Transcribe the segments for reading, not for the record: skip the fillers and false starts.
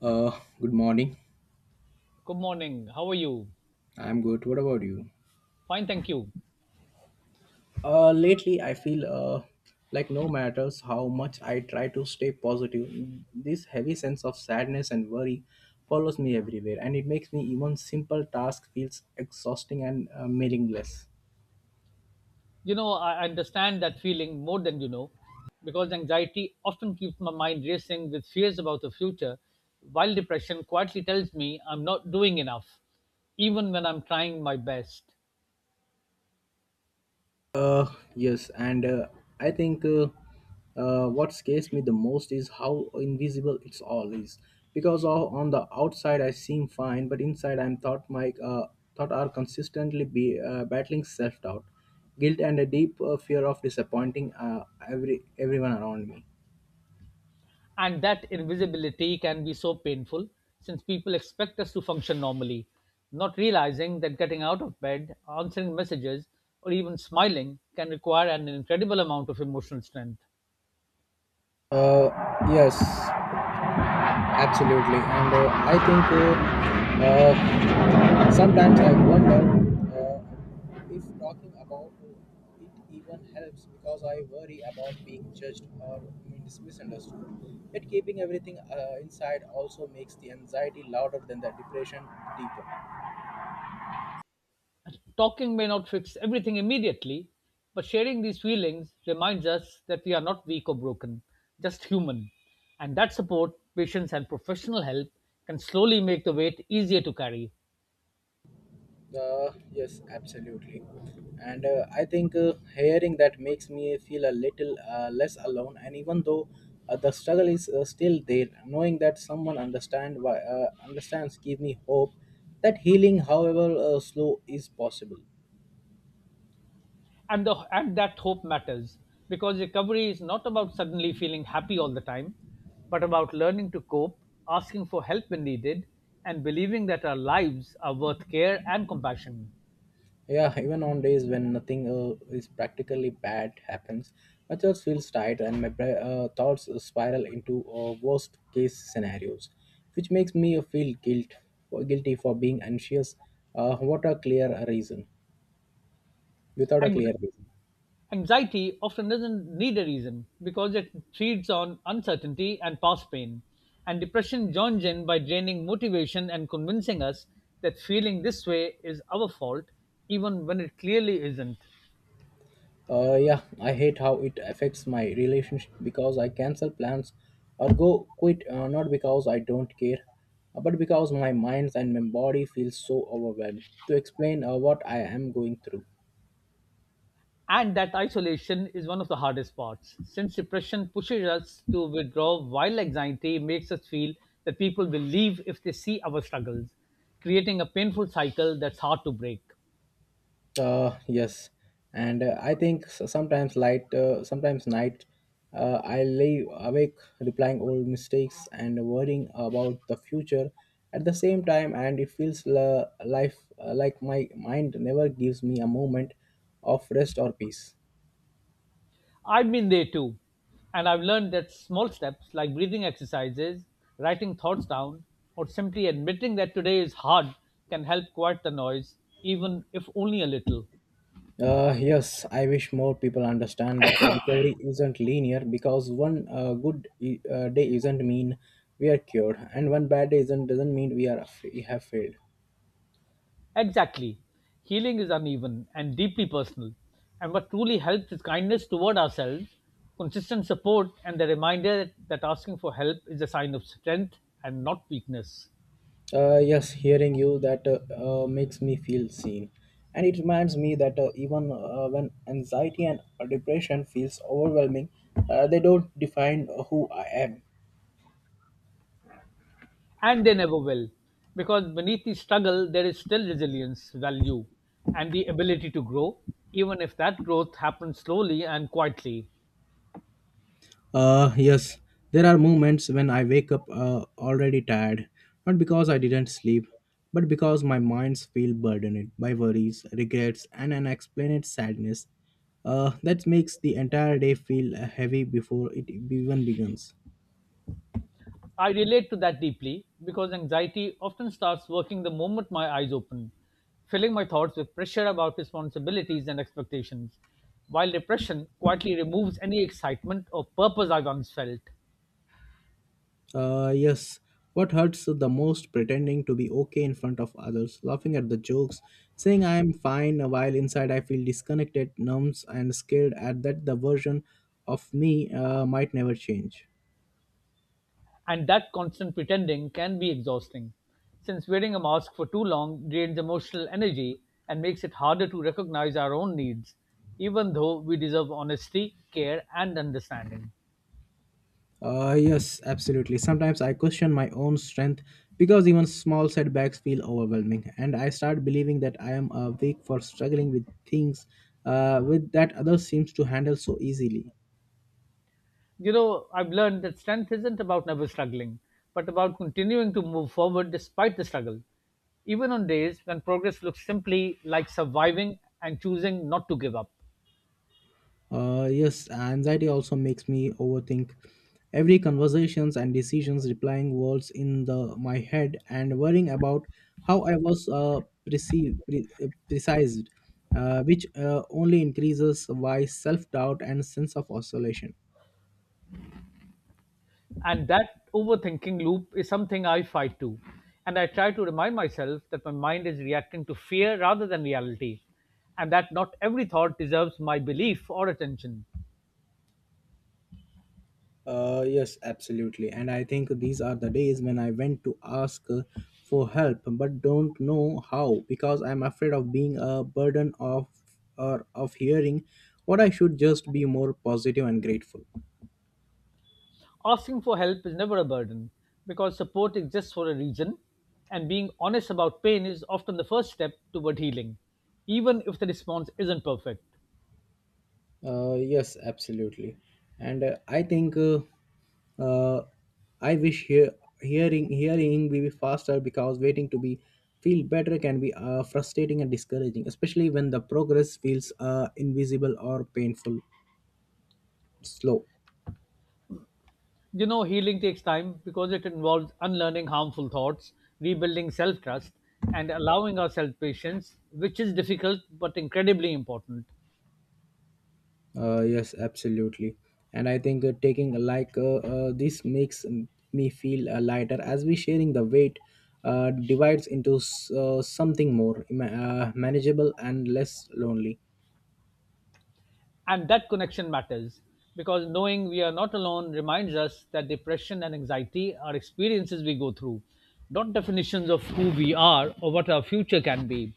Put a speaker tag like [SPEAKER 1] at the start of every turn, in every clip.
[SPEAKER 1] Uh, good morning.
[SPEAKER 2] Good morning. How are you?
[SPEAKER 1] I'm good. What about you?
[SPEAKER 2] Fine, thank you.
[SPEAKER 1] Lately I feel like no matters how much I try to stay positive, this heavy sense of sadness and worry follows me everywhere, and it makes me even simple task feels exhausting and meaningless.
[SPEAKER 2] You know, I understand that feeling more than you know because anxiety often keeps my mind racing with fears about the future, while depression quietly tells me I'm not doing enough, even when I'm trying my best.
[SPEAKER 1] Uh, yes, and I think what scares me the most is how invisible it's all is. Because on the outside I seem fine, but inside I'm thought my thought are consistently be battling self-doubt, guilt, and a deep fear of disappointing everyone around me.
[SPEAKER 2] And that invisibility can be so painful since people expect us to function normally, not realizing that getting out of bed, answering messages, or even smiling can require an incredible amount of emotional strength.
[SPEAKER 1] Uh, yes, absolutely, and I think. Sometimes I wonder if talking about it even helps because I worry about being judged or misunderstood. Yet keeping everything inside also makes the anxiety louder than the depression deeper.
[SPEAKER 2] Talking may not fix everything immediately, but sharing these feelings reminds us that we are not weak or broken, just human. And that support, patience, and professional help can slowly make the weight easier to carry.
[SPEAKER 1] Yes, absolutely. And I think hearing that makes me feel a little less alone. And even though the struggle is still there, knowing that someone understand why understands give me hope that healing, however slow, is possible.
[SPEAKER 2] And that hope matters because recovery is not about suddenly feeling happy all the time, but about learning to cope, asking for help when needed, and believing that our lives are worth care and compassion.
[SPEAKER 1] Yeah, even on days when nothing is practically bad happens, my chest feels tight and my thoughts spiral into worst case scenarios, which makes me feel guilty for being anxious. What a clear reason, without a
[SPEAKER 2] And
[SPEAKER 1] clear reason.
[SPEAKER 2] anxiety often doesn't need a reason because it feeds on uncertainty and past pain, and depression joins in by draining motivation and convincing us that feeling this way is our fault, even when it clearly isn't.
[SPEAKER 1] Yeah, I hate how it affects my relationship because I cancel plans or go quit not because I don't care, but because my mind and my body feel so overwhelmed to explain what I am going through.
[SPEAKER 2] And that isolation is one of the hardest parts, since depression pushes us to withdraw, while anxiety makes us feel that people will leave if they see our struggles, creating a painful cycle that's hard to break.
[SPEAKER 1] Yes, and I think sometimes night, I lay awake replying old mistakes and worrying about the future at the same time, and it feels la- life like my mind never gives me a moment of rest or peace.
[SPEAKER 2] I've been there too, and I've learned that small steps like breathing exercises, writing thoughts down, or simply admitting that today is hard can help quiet the noise, even if only a little.
[SPEAKER 1] Yes, I wish more people understand that recovery isn't linear because one good day isn't mean we are cured, and one bad day isn't doesn't mean we have failed.
[SPEAKER 2] Exactly. Healing is uneven and deeply personal, and what truly helps is kindness toward ourselves, consistent support, and the reminder that asking for help is a sign of strength and not weakness.
[SPEAKER 1] Yes, hearing you that makes me feel seen, and it reminds me that even when anxiety and depression feels overwhelming, they don't define who I am.
[SPEAKER 2] And they never will, because beneath the struggle there is still resilience value and the ability to grow, even if that growth happens slowly and quietly.
[SPEAKER 1] Yes, there are moments when I wake up already tired, not because I didn't sleep, but because my minds feel burdened by worries, regrets, and unexplained sadness. That makes the entire day feel heavy before it even begins.
[SPEAKER 2] I relate to that deeply because anxiety often starts working the moment my eyes open, filling my thoughts with pressure about responsibilities and expectations, while depression quietly removes any excitement or purpose I once felt.
[SPEAKER 1] Yes. What hurts the most pretending to be okay in front of others, laughing at the jokes, saying I am fine while inside I feel disconnected, numbs, and scared at that the version of me might never change.
[SPEAKER 2] And that constant pretending can be exhausting, since wearing a mask for too long drains emotional energy and makes it harder to recognize our own needs, even though we deserve honesty, care, and understanding.
[SPEAKER 1] Yes, absolutely. Sometimes I question my own strength because even small setbacks feel overwhelming, and I start believing that I am weak for struggling with things with that others seems to handle so easily.
[SPEAKER 2] You know, I've learned that strength isn't about never struggling, but about continuing to move forward despite the struggle, even on days when progress looks simply like surviving and choosing not to give up.
[SPEAKER 1] Yes, anxiety also makes me overthink every conversations and decisions, replying words in the my head and worrying about how I was perceived, precised, which only increases my self doubt and sense of oscillation.
[SPEAKER 2] And that overthinking loop is something I fight too. And I try to remind myself that my mind is reacting to fear rather than reality, and that not every thought deserves my belief or attention.
[SPEAKER 1] Yes, absolutely. And I think these are the days when I went to ask for help, but don't know how because I'm afraid of being a burden of or of hearing what I should just be more positive and grateful.
[SPEAKER 2] Asking for help is never a burden because support exists for a reason, and being honest about pain is often the first step toward healing, even if the response isn't perfect.
[SPEAKER 1] Yes, absolutely. And I think uh, I wish hearing will be faster because waiting to be feel better can be frustrating and discouraging, especially when the progress feels invisible or painful slow.
[SPEAKER 2] You know, healing takes time because it involves unlearning harmful thoughts, rebuilding self trust, and allowing ourselves patience, which is difficult but incredibly important.
[SPEAKER 1] Yes, absolutely. And I think taking a like this makes me feel lighter as we sharing the weight divides into something more manageable and less lonely.
[SPEAKER 2] And that connection matters because knowing we are not alone reminds us that depression and anxiety are experiences we go through, not definitions of who we are or what our future can be.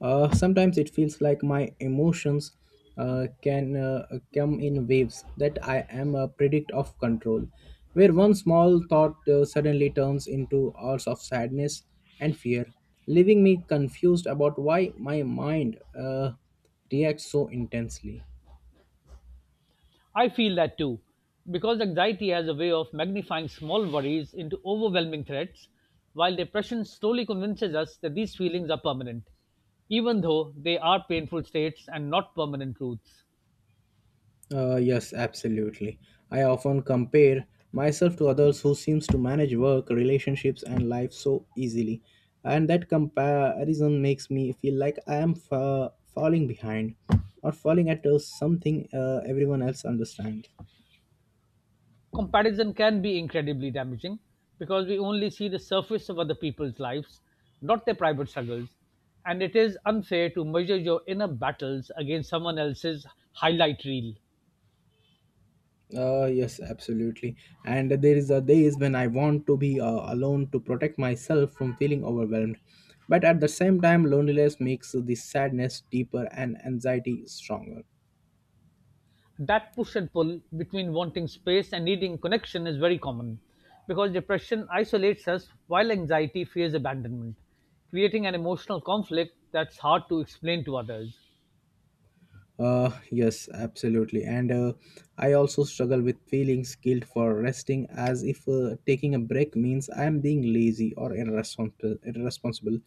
[SPEAKER 1] Sometimes it feels like my emotions can come in waves that I am a predict of control, where one small thought suddenly turns into hours of sadness and fear, leaving me confused about why my mind reacts so intensely.
[SPEAKER 2] I feel that too, because anxiety has a way of magnifying small worries into overwhelming threats, while depression slowly convinces us that these feelings are permanent, even though they are painful states and not permanent truths.
[SPEAKER 1] Yes, absolutely. I often compare myself to others who seems to manage work, relationships, and life so easily, and that comparison makes me feel like I am falling behind or falling at something everyone else understands.
[SPEAKER 2] Comparison can be incredibly damaging because we only see the surface of other people's lives, not their private struggles, and it is unfair to measure your inner battles against someone else's highlight reel.
[SPEAKER 1] Yes, absolutely. And there is a days when I want to be alone to protect myself from feeling overwhelmed, but at the same time, loneliness makes the sadness deeper and anxiety stronger.
[SPEAKER 2] That push and pull between wanting space and needing connection is very common because depression isolates us while anxiety fears abandonment, creating an emotional conflict that's hard to explain to others.
[SPEAKER 1] Yes, absolutely. And I also struggle with feeling guilt for resting, as if taking a break means I am being lazy or irresponsible,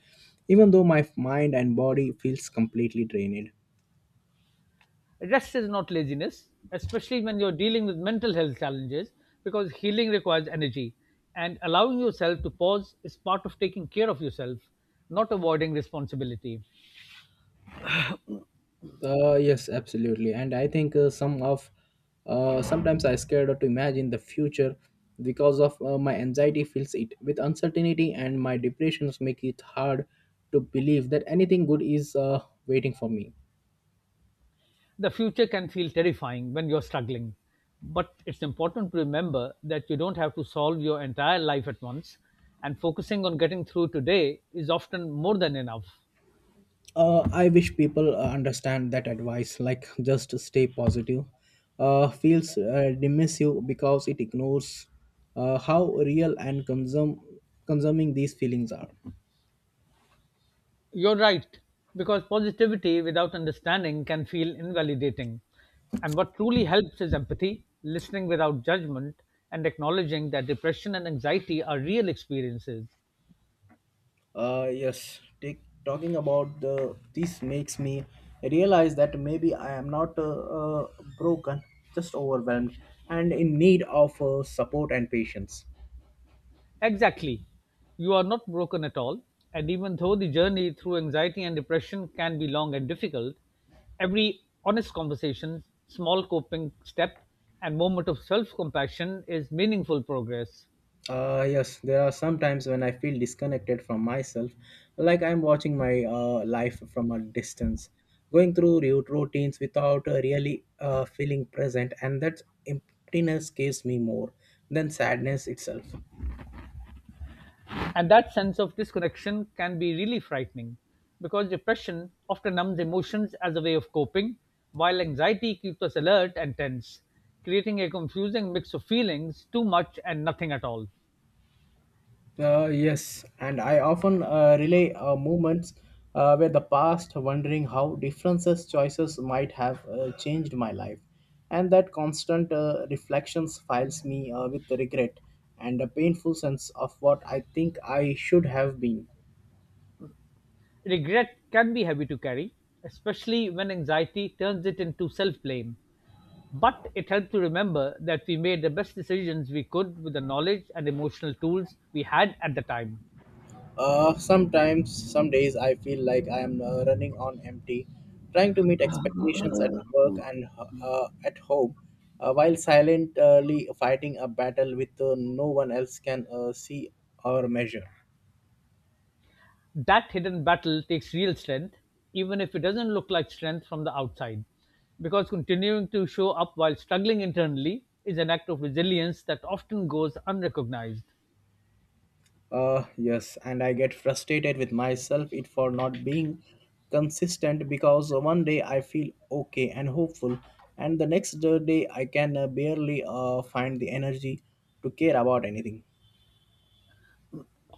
[SPEAKER 1] even though my mind and body feels completely drained.
[SPEAKER 2] Rest is not laziness, especially when you're dealing with mental health challenges, because healing requires energy and allowing yourself to pause is part of taking care of yourself, not avoiding responsibility.
[SPEAKER 1] Yes, absolutely. And I think sometimes I scared to imagine the future because of my anxiety fills it with uncertainty, and my depressions make it hard to believe that anything good is waiting for me.
[SPEAKER 2] The future can feel terrifying when you're struggling, but it's important to remember that you don't have to solve your entire life at once, and focusing on getting through today is often more than enough.
[SPEAKER 1] I wish people understand that advice like just stay positive feels dismissive because it ignores how real and consuming these feelings are.
[SPEAKER 2] You're right, because positivity without understanding can feel invalidating. And what truly helps is empathy, listening without judgment, and acknowledging that depression and anxiety are real experiences.
[SPEAKER 1] Yes talking about the this makes me realize that maybe I am not broken, just overwhelmed and in need of support and patience.
[SPEAKER 2] Exactly. You are not broken at all. And even though the journey through anxiety and depression can be long and difficult, every honest conversation, small coping step, and moment of self compassion is meaningful progress.
[SPEAKER 1] Yes, there are some times when I feel disconnected from myself, like I'm watching my life from a distance, going through routines without really feeling present, and that emptiness gives me more than sadness itself.
[SPEAKER 2] And that sense of disconnection can be really frightening because depression often numbs emotions as a way of coping, while anxiety keeps us alert and tense, creating a confusing mix of feelings, too much and nothing at all.
[SPEAKER 1] Yes, and I often relay moments where the past, wondering how differences choices might have changed my life, and that constant reflections files me with regret and a painful sense of what I think I should have been.
[SPEAKER 2] Regret can be heavy to carry, especially when anxiety turns it into self-blame, but it helped to remember that we made the best decisions we could with the knowledge and emotional tools we had at the time.
[SPEAKER 1] Sometimes, some days, I feel like I am running on empty, trying to meet expectations at work and at home, while silently fighting a battle with no one else can see or measure.
[SPEAKER 2] That hidden battle takes real strength, even if it doesn't look like strength from the outside, because continuing to show up while struggling internally is an act of resilience that often goes unrecognized.
[SPEAKER 1] Yes, and I get frustrated with myself it for not being consistent because one day I feel okay and hopeful, and the next day I can barely find the energy to care about anything.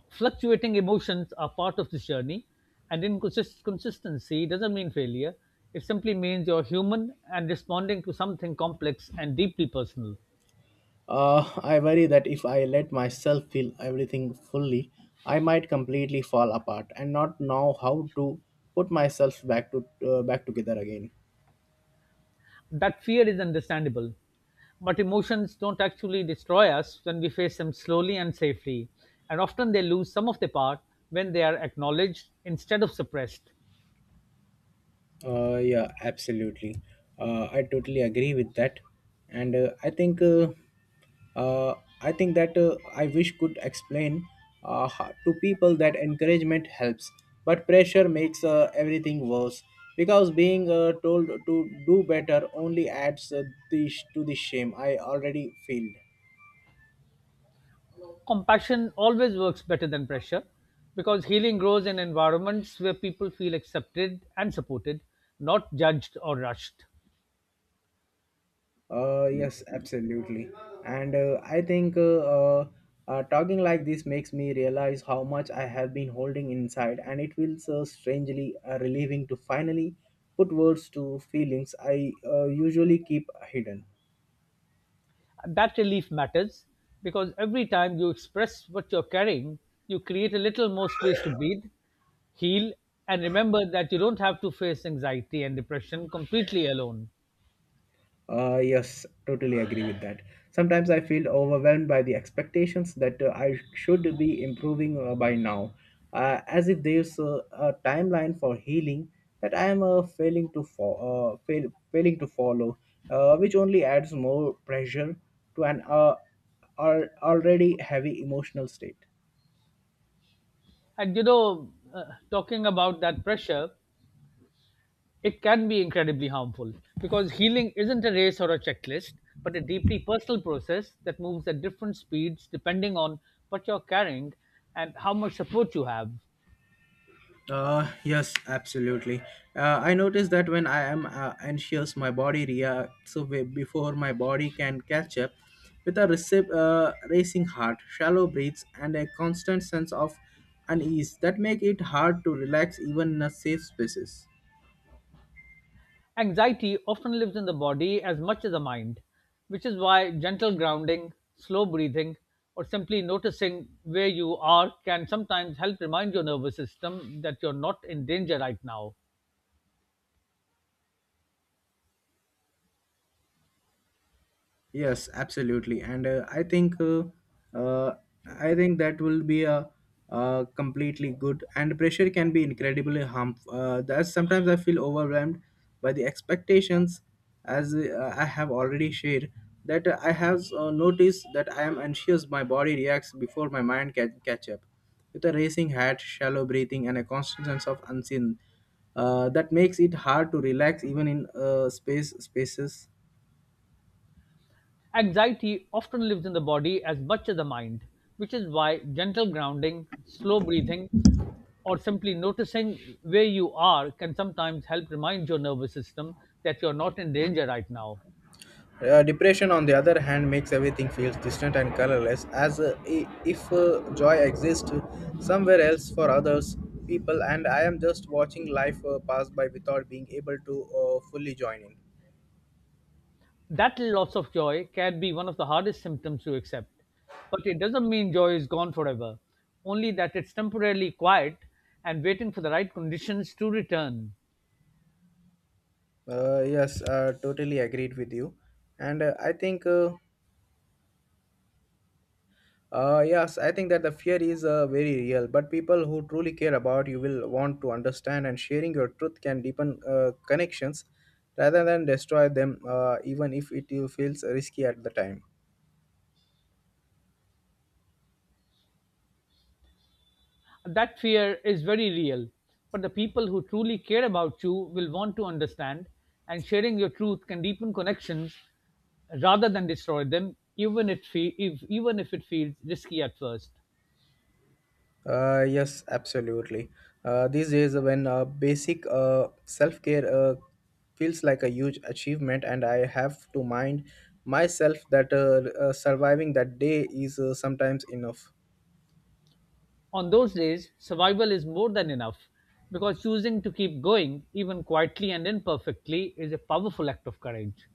[SPEAKER 2] Fluctuating emotions are part of this journey, and inconsistency doesn't mean failure. It simply means you're human and responding to something complex and deeply personal.
[SPEAKER 1] I worry that if I let myself feel everything fully, I might completely fall apart and not know how to put myself back to back together again.
[SPEAKER 2] That fear is understandable, but emotions don't actually destroy us when we face them slowly and safely, and often they lose some of their power when they are acknowledged instead of suppressed.
[SPEAKER 1] Yeah, absolutely. I totally agree with that, and uh, I think that I wish could explain to people that encouragement helps, but pressure makes everything worse because being told to do better only adds the to the shame I already feel.
[SPEAKER 2] Compassion always works better than pressure because healing grows in environments where people feel accepted and supported, not judged or rushed.
[SPEAKER 1] Yes, absolutely. And I think uh, talking like this makes me realize how much I have been holding inside, and it feels strangely relieving to finally put words to feelings I usually keep hidden.
[SPEAKER 2] That relief matters because every time you express what you're carrying, you create a little more space to breathe, heal, and remember that you don't have to face anxiety and depression completely alone.
[SPEAKER 1] Yes, totally agree with that. Sometimes I feel overwhelmed by the expectations that I should be improving by now, as if there's a timeline for healing that I am failing to follow, which only adds more pressure to an already heavy emotional state.
[SPEAKER 2] And you know, talking about that pressure, it can be incredibly harmful because healing isn't a race or a checklist, but a deeply personal process that moves at different speeds depending on what you're carrying and how much support you have.
[SPEAKER 1] Yes, absolutely. I notice that when I am anxious, my body reacts away before my body can catch up with a racing heart, shallow breaths, and a constant sense of unease that make it hard to relax even in a safe spaces.
[SPEAKER 2] Anxiety often lives in the body as much as the mind, which is why gentle grounding, slow breathing, or simply noticing where you are can sometimes help remind your nervous system that you're not in danger right now.
[SPEAKER 1] Yes, absolutely, and uh, I think that will be a, completely good. And pressure can be incredibly harmful. That's sometimes I feel overwhelmed by the expectations, as I have already shared. That I have noticed that I am anxious. My body reacts before my mind can catch up. With a racing heart, shallow breathing, and a constant sense of unseen, that makes it hard to relax even in spaces.
[SPEAKER 2] Anxiety often lives in the body as much as the mind, which is why gentle grounding, slow breathing, or simply noticing where you are can sometimes help remind your nervous system that you're not in danger right now.
[SPEAKER 1] Depression, on the other hand, makes everything feels distant and colorless, as if joy exists somewhere else for others people, and I am just watching life pass by without being able to fully join in.
[SPEAKER 2] That loss of joy can be one of the hardest symptoms to accept, but it doesn't mean joy is gone forever, only that it's temporarily quiet and waiting for the right conditions to return.
[SPEAKER 1] Yes, totally agreed with you, and I think. Yes, I think that the fear is very real, but people who truly care about you will want to understand, and sharing your truth can deepen connections rather than destroy them, even if it feels risky at the time.
[SPEAKER 2] That fear is very real, but the people who truly care about you will want to understand, and sharing your truth can deepen connections rather than destroy them, if even if it feels risky at first.
[SPEAKER 1] Yes, absolutely. These days, when basic self care feels like a huge achievement, and I have to mind myself that surviving that day is sometimes enough.
[SPEAKER 2] On those days, survival is more than enough because choosing to keep going, even quietly and imperfectly, is a powerful act of courage.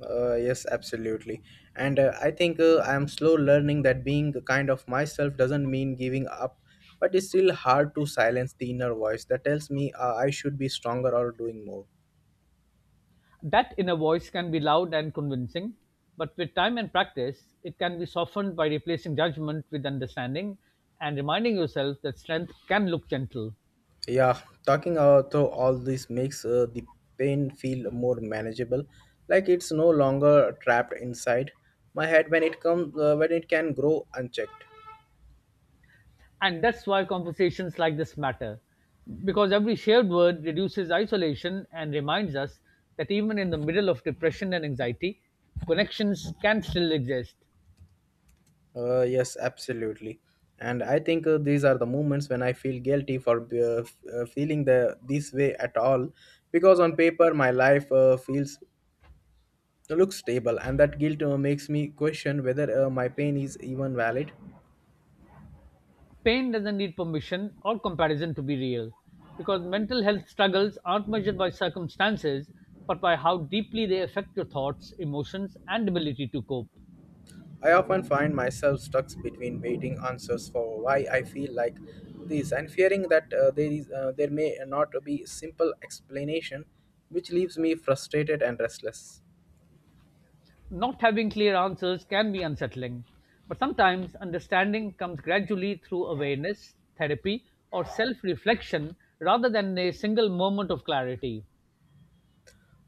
[SPEAKER 1] Yes, absolutely. And I think I am slow learning that being a kind of myself doesn't mean giving up, but it's still hard to silence the inner voice that tells me I should be stronger or doing more.
[SPEAKER 2] That inner voice can be loud and convincing, but with time and practice, it can be softened by replacing judgment with understanding and reminding yourself that strength can look gentle.
[SPEAKER 1] Yeah, talking out through all this makes the pain feel more manageable, like it's no longer trapped inside my head when it comes when it can grow unchecked.
[SPEAKER 2] And that's why conversations like this matter, because every shared word reduces isolation and reminds us that even in the middle of depression and anxiety, connections can still exist.
[SPEAKER 1] Yes, absolutely. And I think these are the moments when I feel guilty for feeling the this way at all, because on paper my life feels looks stable, and that guilt makes me question whether my pain is even valid.
[SPEAKER 2] Pain doesn't need permission or comparison to be real, because mental health struggles aren't measured by circumstances, but by how deeply they affect your thoughts, emotions, and ability to cope.
[SPEAKER 1] I often find myself stuck between waiting answers for why I feel like this and fearing that there may not be simple explanation, which leaves me frustrated and restless.
[SPEAKER 2] Not having clear answers can be unsettling, but sometimes understanding comes gradually through awareness, therapy, or self reflection rather than a single moment of clarity.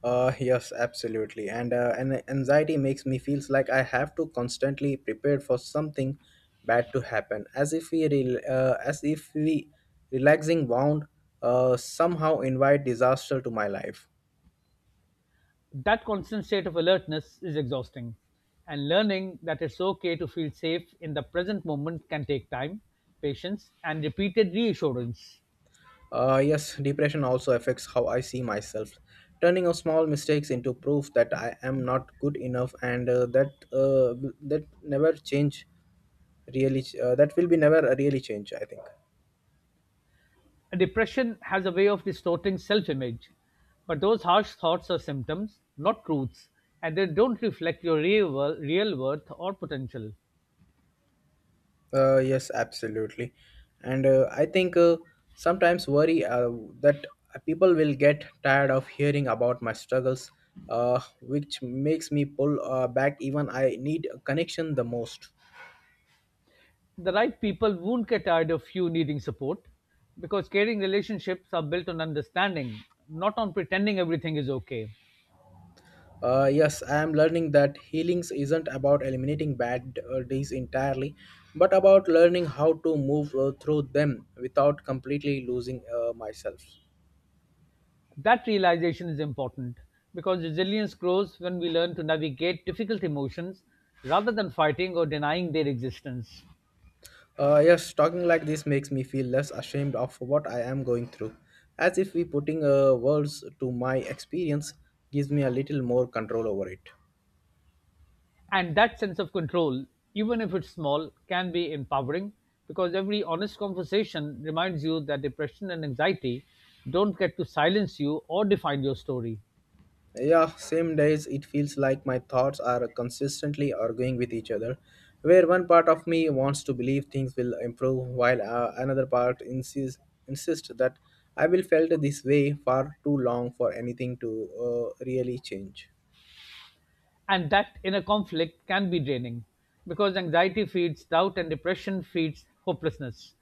[SPEAKER 1] Yes, absolutely. And anxiety makes me feels like I have to constantly prepare for something bad to happen, as if we relaxing wound somehow invite disaster to my life.
[SPEAKER 2] That constant state of alertness is exhausting, and learning that it's okay to feel safe in the present moment can take time, patience, and repeated reassurance.
[SPEAKER 1] Yes, depression also affects how I see myself, turning of small mistakes into proof that I am not good enough, and that never change really. That will be never really change, I think.
[SPEAKER 2] Depression has a way of distorting self image, but those harsh thoughts are symptoms, not truths, and they don't reflect your real worth or potential.
[SPEAKER 1] Yes, absolutely. And I think sometimes worry that people will get tired of hearing about my struggles, which makes me pull back even I need a connection the most.
[SPEAKER 2] The right people won't get tired of you needing support because caring relationships are built on understanding, not on pretending everything is okay.
[SPEAKER 1] Yes, I am learning that healings isn't about eliminating bad days entirely, but about learning how to move through them without completely losing myself.
[SPEAKER 2] That realization is important because resilience grows when we learn to navigate difficult emotions rather than fighting or denying their existence.
[SPEAKER 1] Yes, talking like this makes me feel less ashamed of what I am going through, as if we putting words to my experience gives me a little more control over it.
[SPEAKER 2] And that sense of control, even if it's small, can be empowering because every honest conversation reminds you that depression and anxiety don't get to silence you or define your story.
[SPEAKER 1] Yeah, same days it feels like my thoughts are consistently arguing with each other, where one part of me wants to believe things will improve while another part insists that I will felt this way far too long for anything to really change.
[SPEAKER 2] And that inner conflict can be draining because anxiety feeds doubt and depression feeds hopelessness.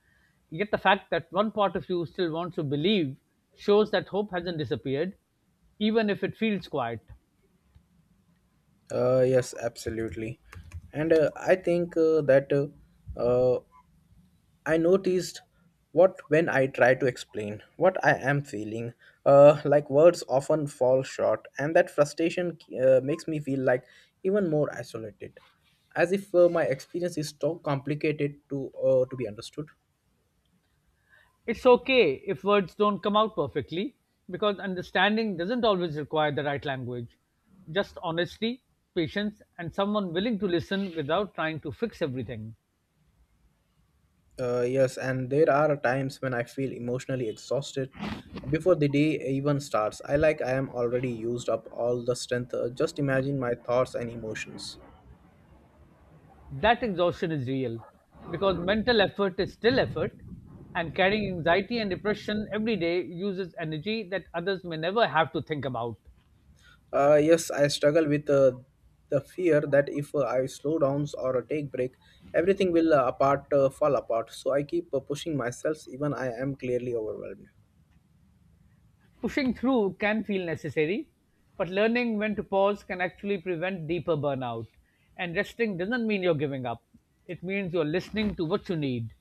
[SPEAKER 2] Yet the fact that one part of you still wants to believe shows that hope hasn't disappeared, even if it feels quiet.
[SPEAKER 1] Yes, absolutely. And I think that I noticed what when I try to explain what I am feeling, like words often fall short, and that frustration makes me feel like even more isolated, as if my experience is too complicated to be understood.
[SPEAKER 2] It's okay if words don't come out perfectly because understanding doesn't always require the right language. Just honesty, patience, and someone willing to listen without trying to fix everything.
[SPEAKER 1] Yes, and there are times when I feel emotionally exhausted before the day even starts. I like I am already used up all the strength. Just imagine my thoughts and emotions.
[SPEAKER 2] That exhaustion is real because mental effort is still effort, and carrying anxiety and depression every day uses energy that others may never have to think about.
[SPEAKER 1] Yes, I struggle with the fear that if I slow down or take break, everything will apart fall apart. So I keep pushing myself even I am clearly overwhelmed.
[SPEAKER 2] Pushing through can feel necessary, but learning when to pause can actually prevent deeper burnout. And resting doesn't mean you're giving up, it means you're listening to what you need.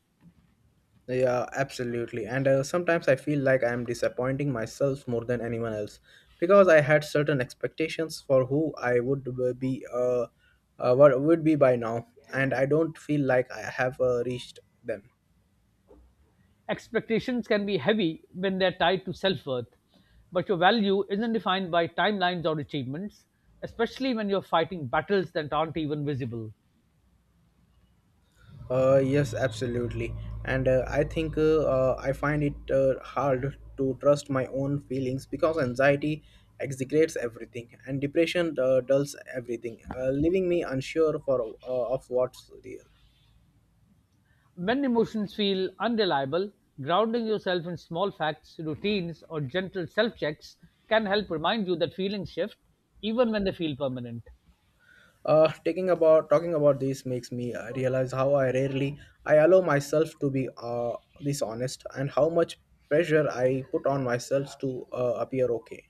[SPEAKER 1] Yeah, absolutely. And sometimes I feel like I am disappointing myself more than anyone else because I had certain expectations for who I would be, what would be by now, and I don't feel like I have reached them.
[SPEAKER 2] Expectations can be heavy when they're tied to self worth, but your value isn't defined by timelines or achievements, especially when you're fighting battles that aren't even visible.
[SPEAKER 1] Yes, absolutely. And I think I find it hard to trust my own feelings because anxiety exaggerates everything and depression dulls everything, leaving me unsure for of what's real.
[SPEAKER 2] When emotions feel unreliable, grounding yourself in small facts, routines, or gentle self checks can help remind you that feelings shift even when they feel permanent.
[SPEAKER 1] Taking about Talking about this makes me realize how I rarely I allow myself to be this honest and how much pressure I put on myself to appear okay.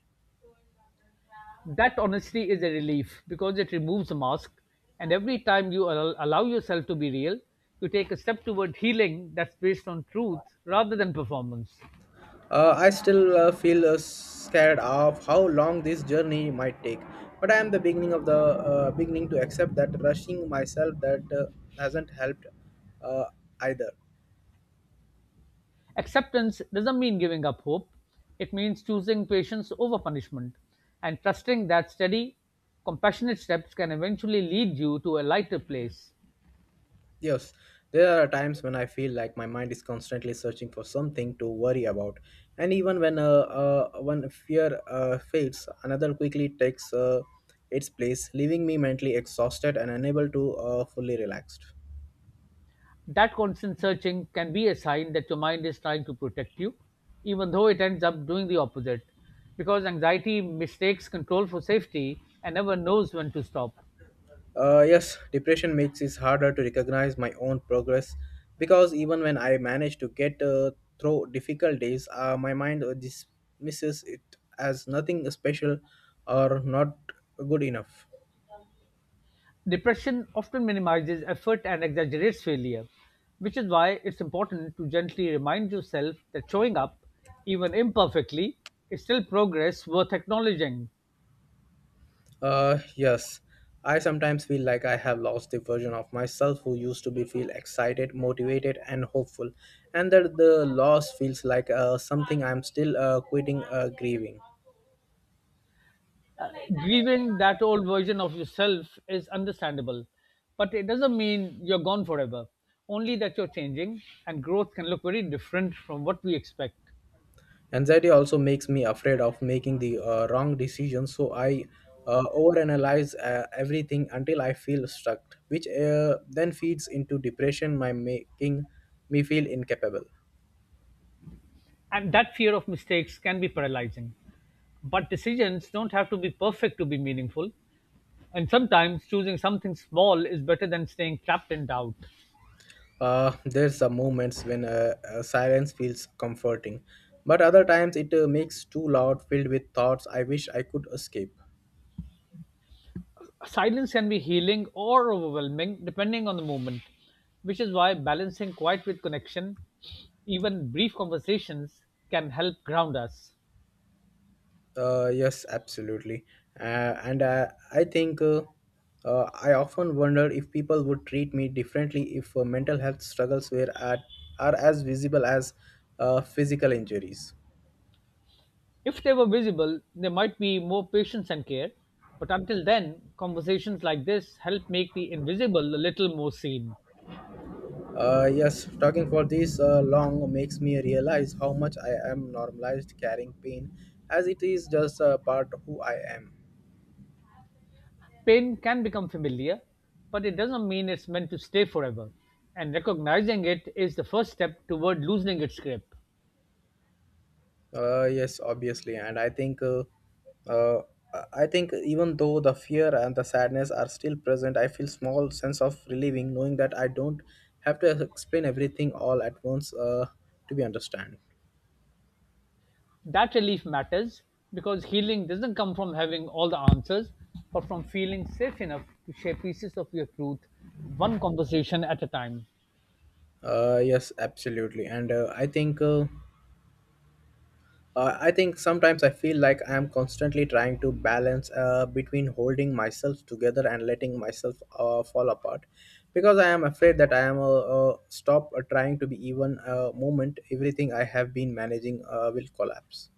[SPEAKER 2] That honesty is a relief because it removes the mask, and every time you allow yourself to be real, you take a step toward healing that's based on truth rather than performance.
[SPEAKER 1] I still feel scared of how long this journey might take, but I am the beginning of the beginning to accept that rushing myself that hasn't helped uh, either.
[SPEAKER 2] Acceptance doesn't mean giving up hope, it means choosing patience over punishment and trusting that steady, compassionate steps can eventually lead you to a lighter place.
[SPEAKER 1] Yes, there are times when I feel like my mind is constantly searching for something to worry about, and even when fear fades, another quickly takes its place, leaving me mentally exhausted and unable to fully relaxed.
[SPEAKER 2] That constant searching can be a sign that your mind is trying to protect you, even though it ends up doing the opposite, because anxiety mistakes control for safety and never knows when to stop.
[SPEAKER 1] Yes, depression makes it harder to recognize my own progress because even when I manage to get through difficult days, my mind dismisses it as nothing special or not good enough.
[SPEAKER 2] Depression often minimizes effort and exaggerates failure, which is why it's important to gently remind yourself that showing up, even imperfectly, is still progress worth acknowledging.
[SPEAKER 1] Yes. I sometimes feel like I have lost the version of myself who used to be feel excited, motivated, and hopeful, and that the loss feels like something I'm still grieving.
[SPEAKER 2] Uh, Grieving that old version of yourself is understandable, but it doesn't mean you're gone forever. Only that you're changing, and growth can look very different from what we expect.
[SPEAKER 1] Anxiety also makes me afraid of making the wrong decision, so I overanalyze everything until I feel stuck, which then feeds into depression, my making me feel incapable.
[SPEAKER 2] And that fear of mistakes can be paralyzing. But decisions don't have to be perfect to be meaningful, and sometimes choosing something small is better than staying trapped in doubt.
[SPEAKER 1] There's some moments when silence feels comforting, but other times it makes too loud, filled with thoughts I wish I could escape.
[SPEAKER 2] Silence can be healing or overwhelming depending on the moment, which is why balancing quiet with connection, even brief conversations, can help ground us.
[SPEAKER 1] Yes, absolutely. Uh, and I think I often wonder if people would treat me differently if mental health struggles are as visible as physical injuries.
[SPEAKER 2] If they were visible, there might be more patience and care, but until then, conversations like this help make the invisible a little more seen.
[SPEAKER 1] Yes, talking for this long makes me realize how much I am normalized carrying pain, as it is just a part of who I am.
[SPEAKER 2] Pain can become familiar, but it doesn't mean it's meant to stay forever, and recognizing it is the first step toward loosening its grip.
[SPEAKER 1] Yes, obviously, and uh, I think even though the fear and the sadness are still present, I feel small sense of relieving knowing that I don't have to explain everything all at once to be understand.
[SPEAKER 2] That relief matters because healing doesn't come from having all the answers, but from feeling safe enough to share pieces of your truth, one conversation at a time.
[SPEAKER 1] Yes, absolutely, and I think sometimes I feel like I am constantly trying to balance between holding myself together and letting myself fall apart, because I am afraid that stop trying to be even a moment. Everything I have been managing will collapse.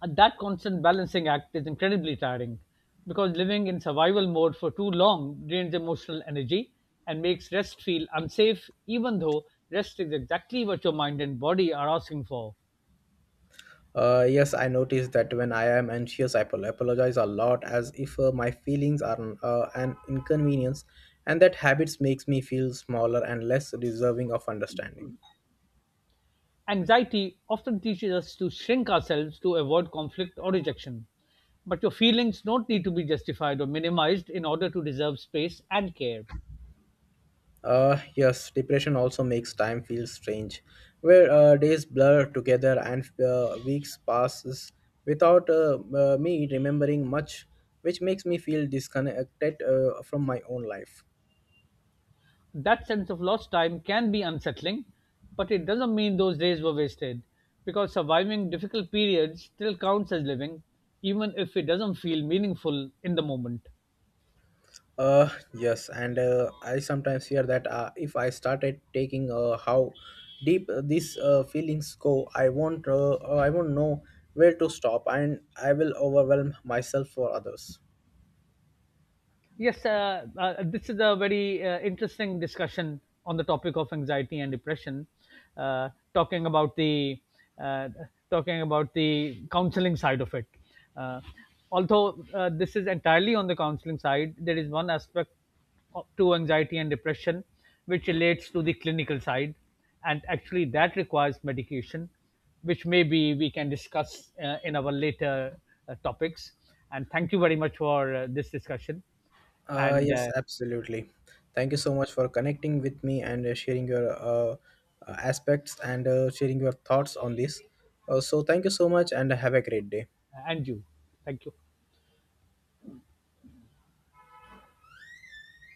[SPEAKER 2] And that constant balancing act is incredibly tiring because living in survival mode for too long drains emotional energy and makes rest feel unsafe, even though rest is exactly what your mind and body are asking for.
[SPEAKER 1] Yes, I notice that when I am anxious, apologize a lot, as if my feelings are an inconvenience, and that habits makes me feel smaller and less deserving of understanding.
[SPEAKER 2] Anxiety often teaches us to shrink ourselves to avoid conflict or rejection. But your feelings don't need to be justified or minimized in order to deserve space and care.
[SPEAKER 1] Yes, depression also makes time feel strange, where days blur together and weeks passes without me remembering much, which makes me feel disconnected from my own life.
[SPEAKER 2] That sense of lost time can be unsettling, but it doesn't mean those days were wasted because surviving difficult periods still counts as living, even if it doesn't feel meaningful in the moment.
[SPEAKER 1] Yes, and I sometimes hear that if I started taking how deep these feelings go, I won't know where to stop, and I will overwhelm myself for others.
[SPEAKER 2] Yes, this is a very interesting discussion on the topic of anxiety and depression. Uh, talking about the uh, Talking about the counseling side of it. Uh, although this is entirely on the counseling side, there is one aspect to anxiety and depression which relates to the clinical side, and actually that requires medication, which maybe we can discuss in our later topics. And thank you very much for this discussion and
[SPEAKER 1] Yes,
[SPEAKER 2] uh,
[SPEAKER 1] absolutely. Thank you so much for connecting with me and sharing your aspects and sharing your thoughts on this. So, thank you so much and have a great day.
[SPEAKER 2] and you. Thank you.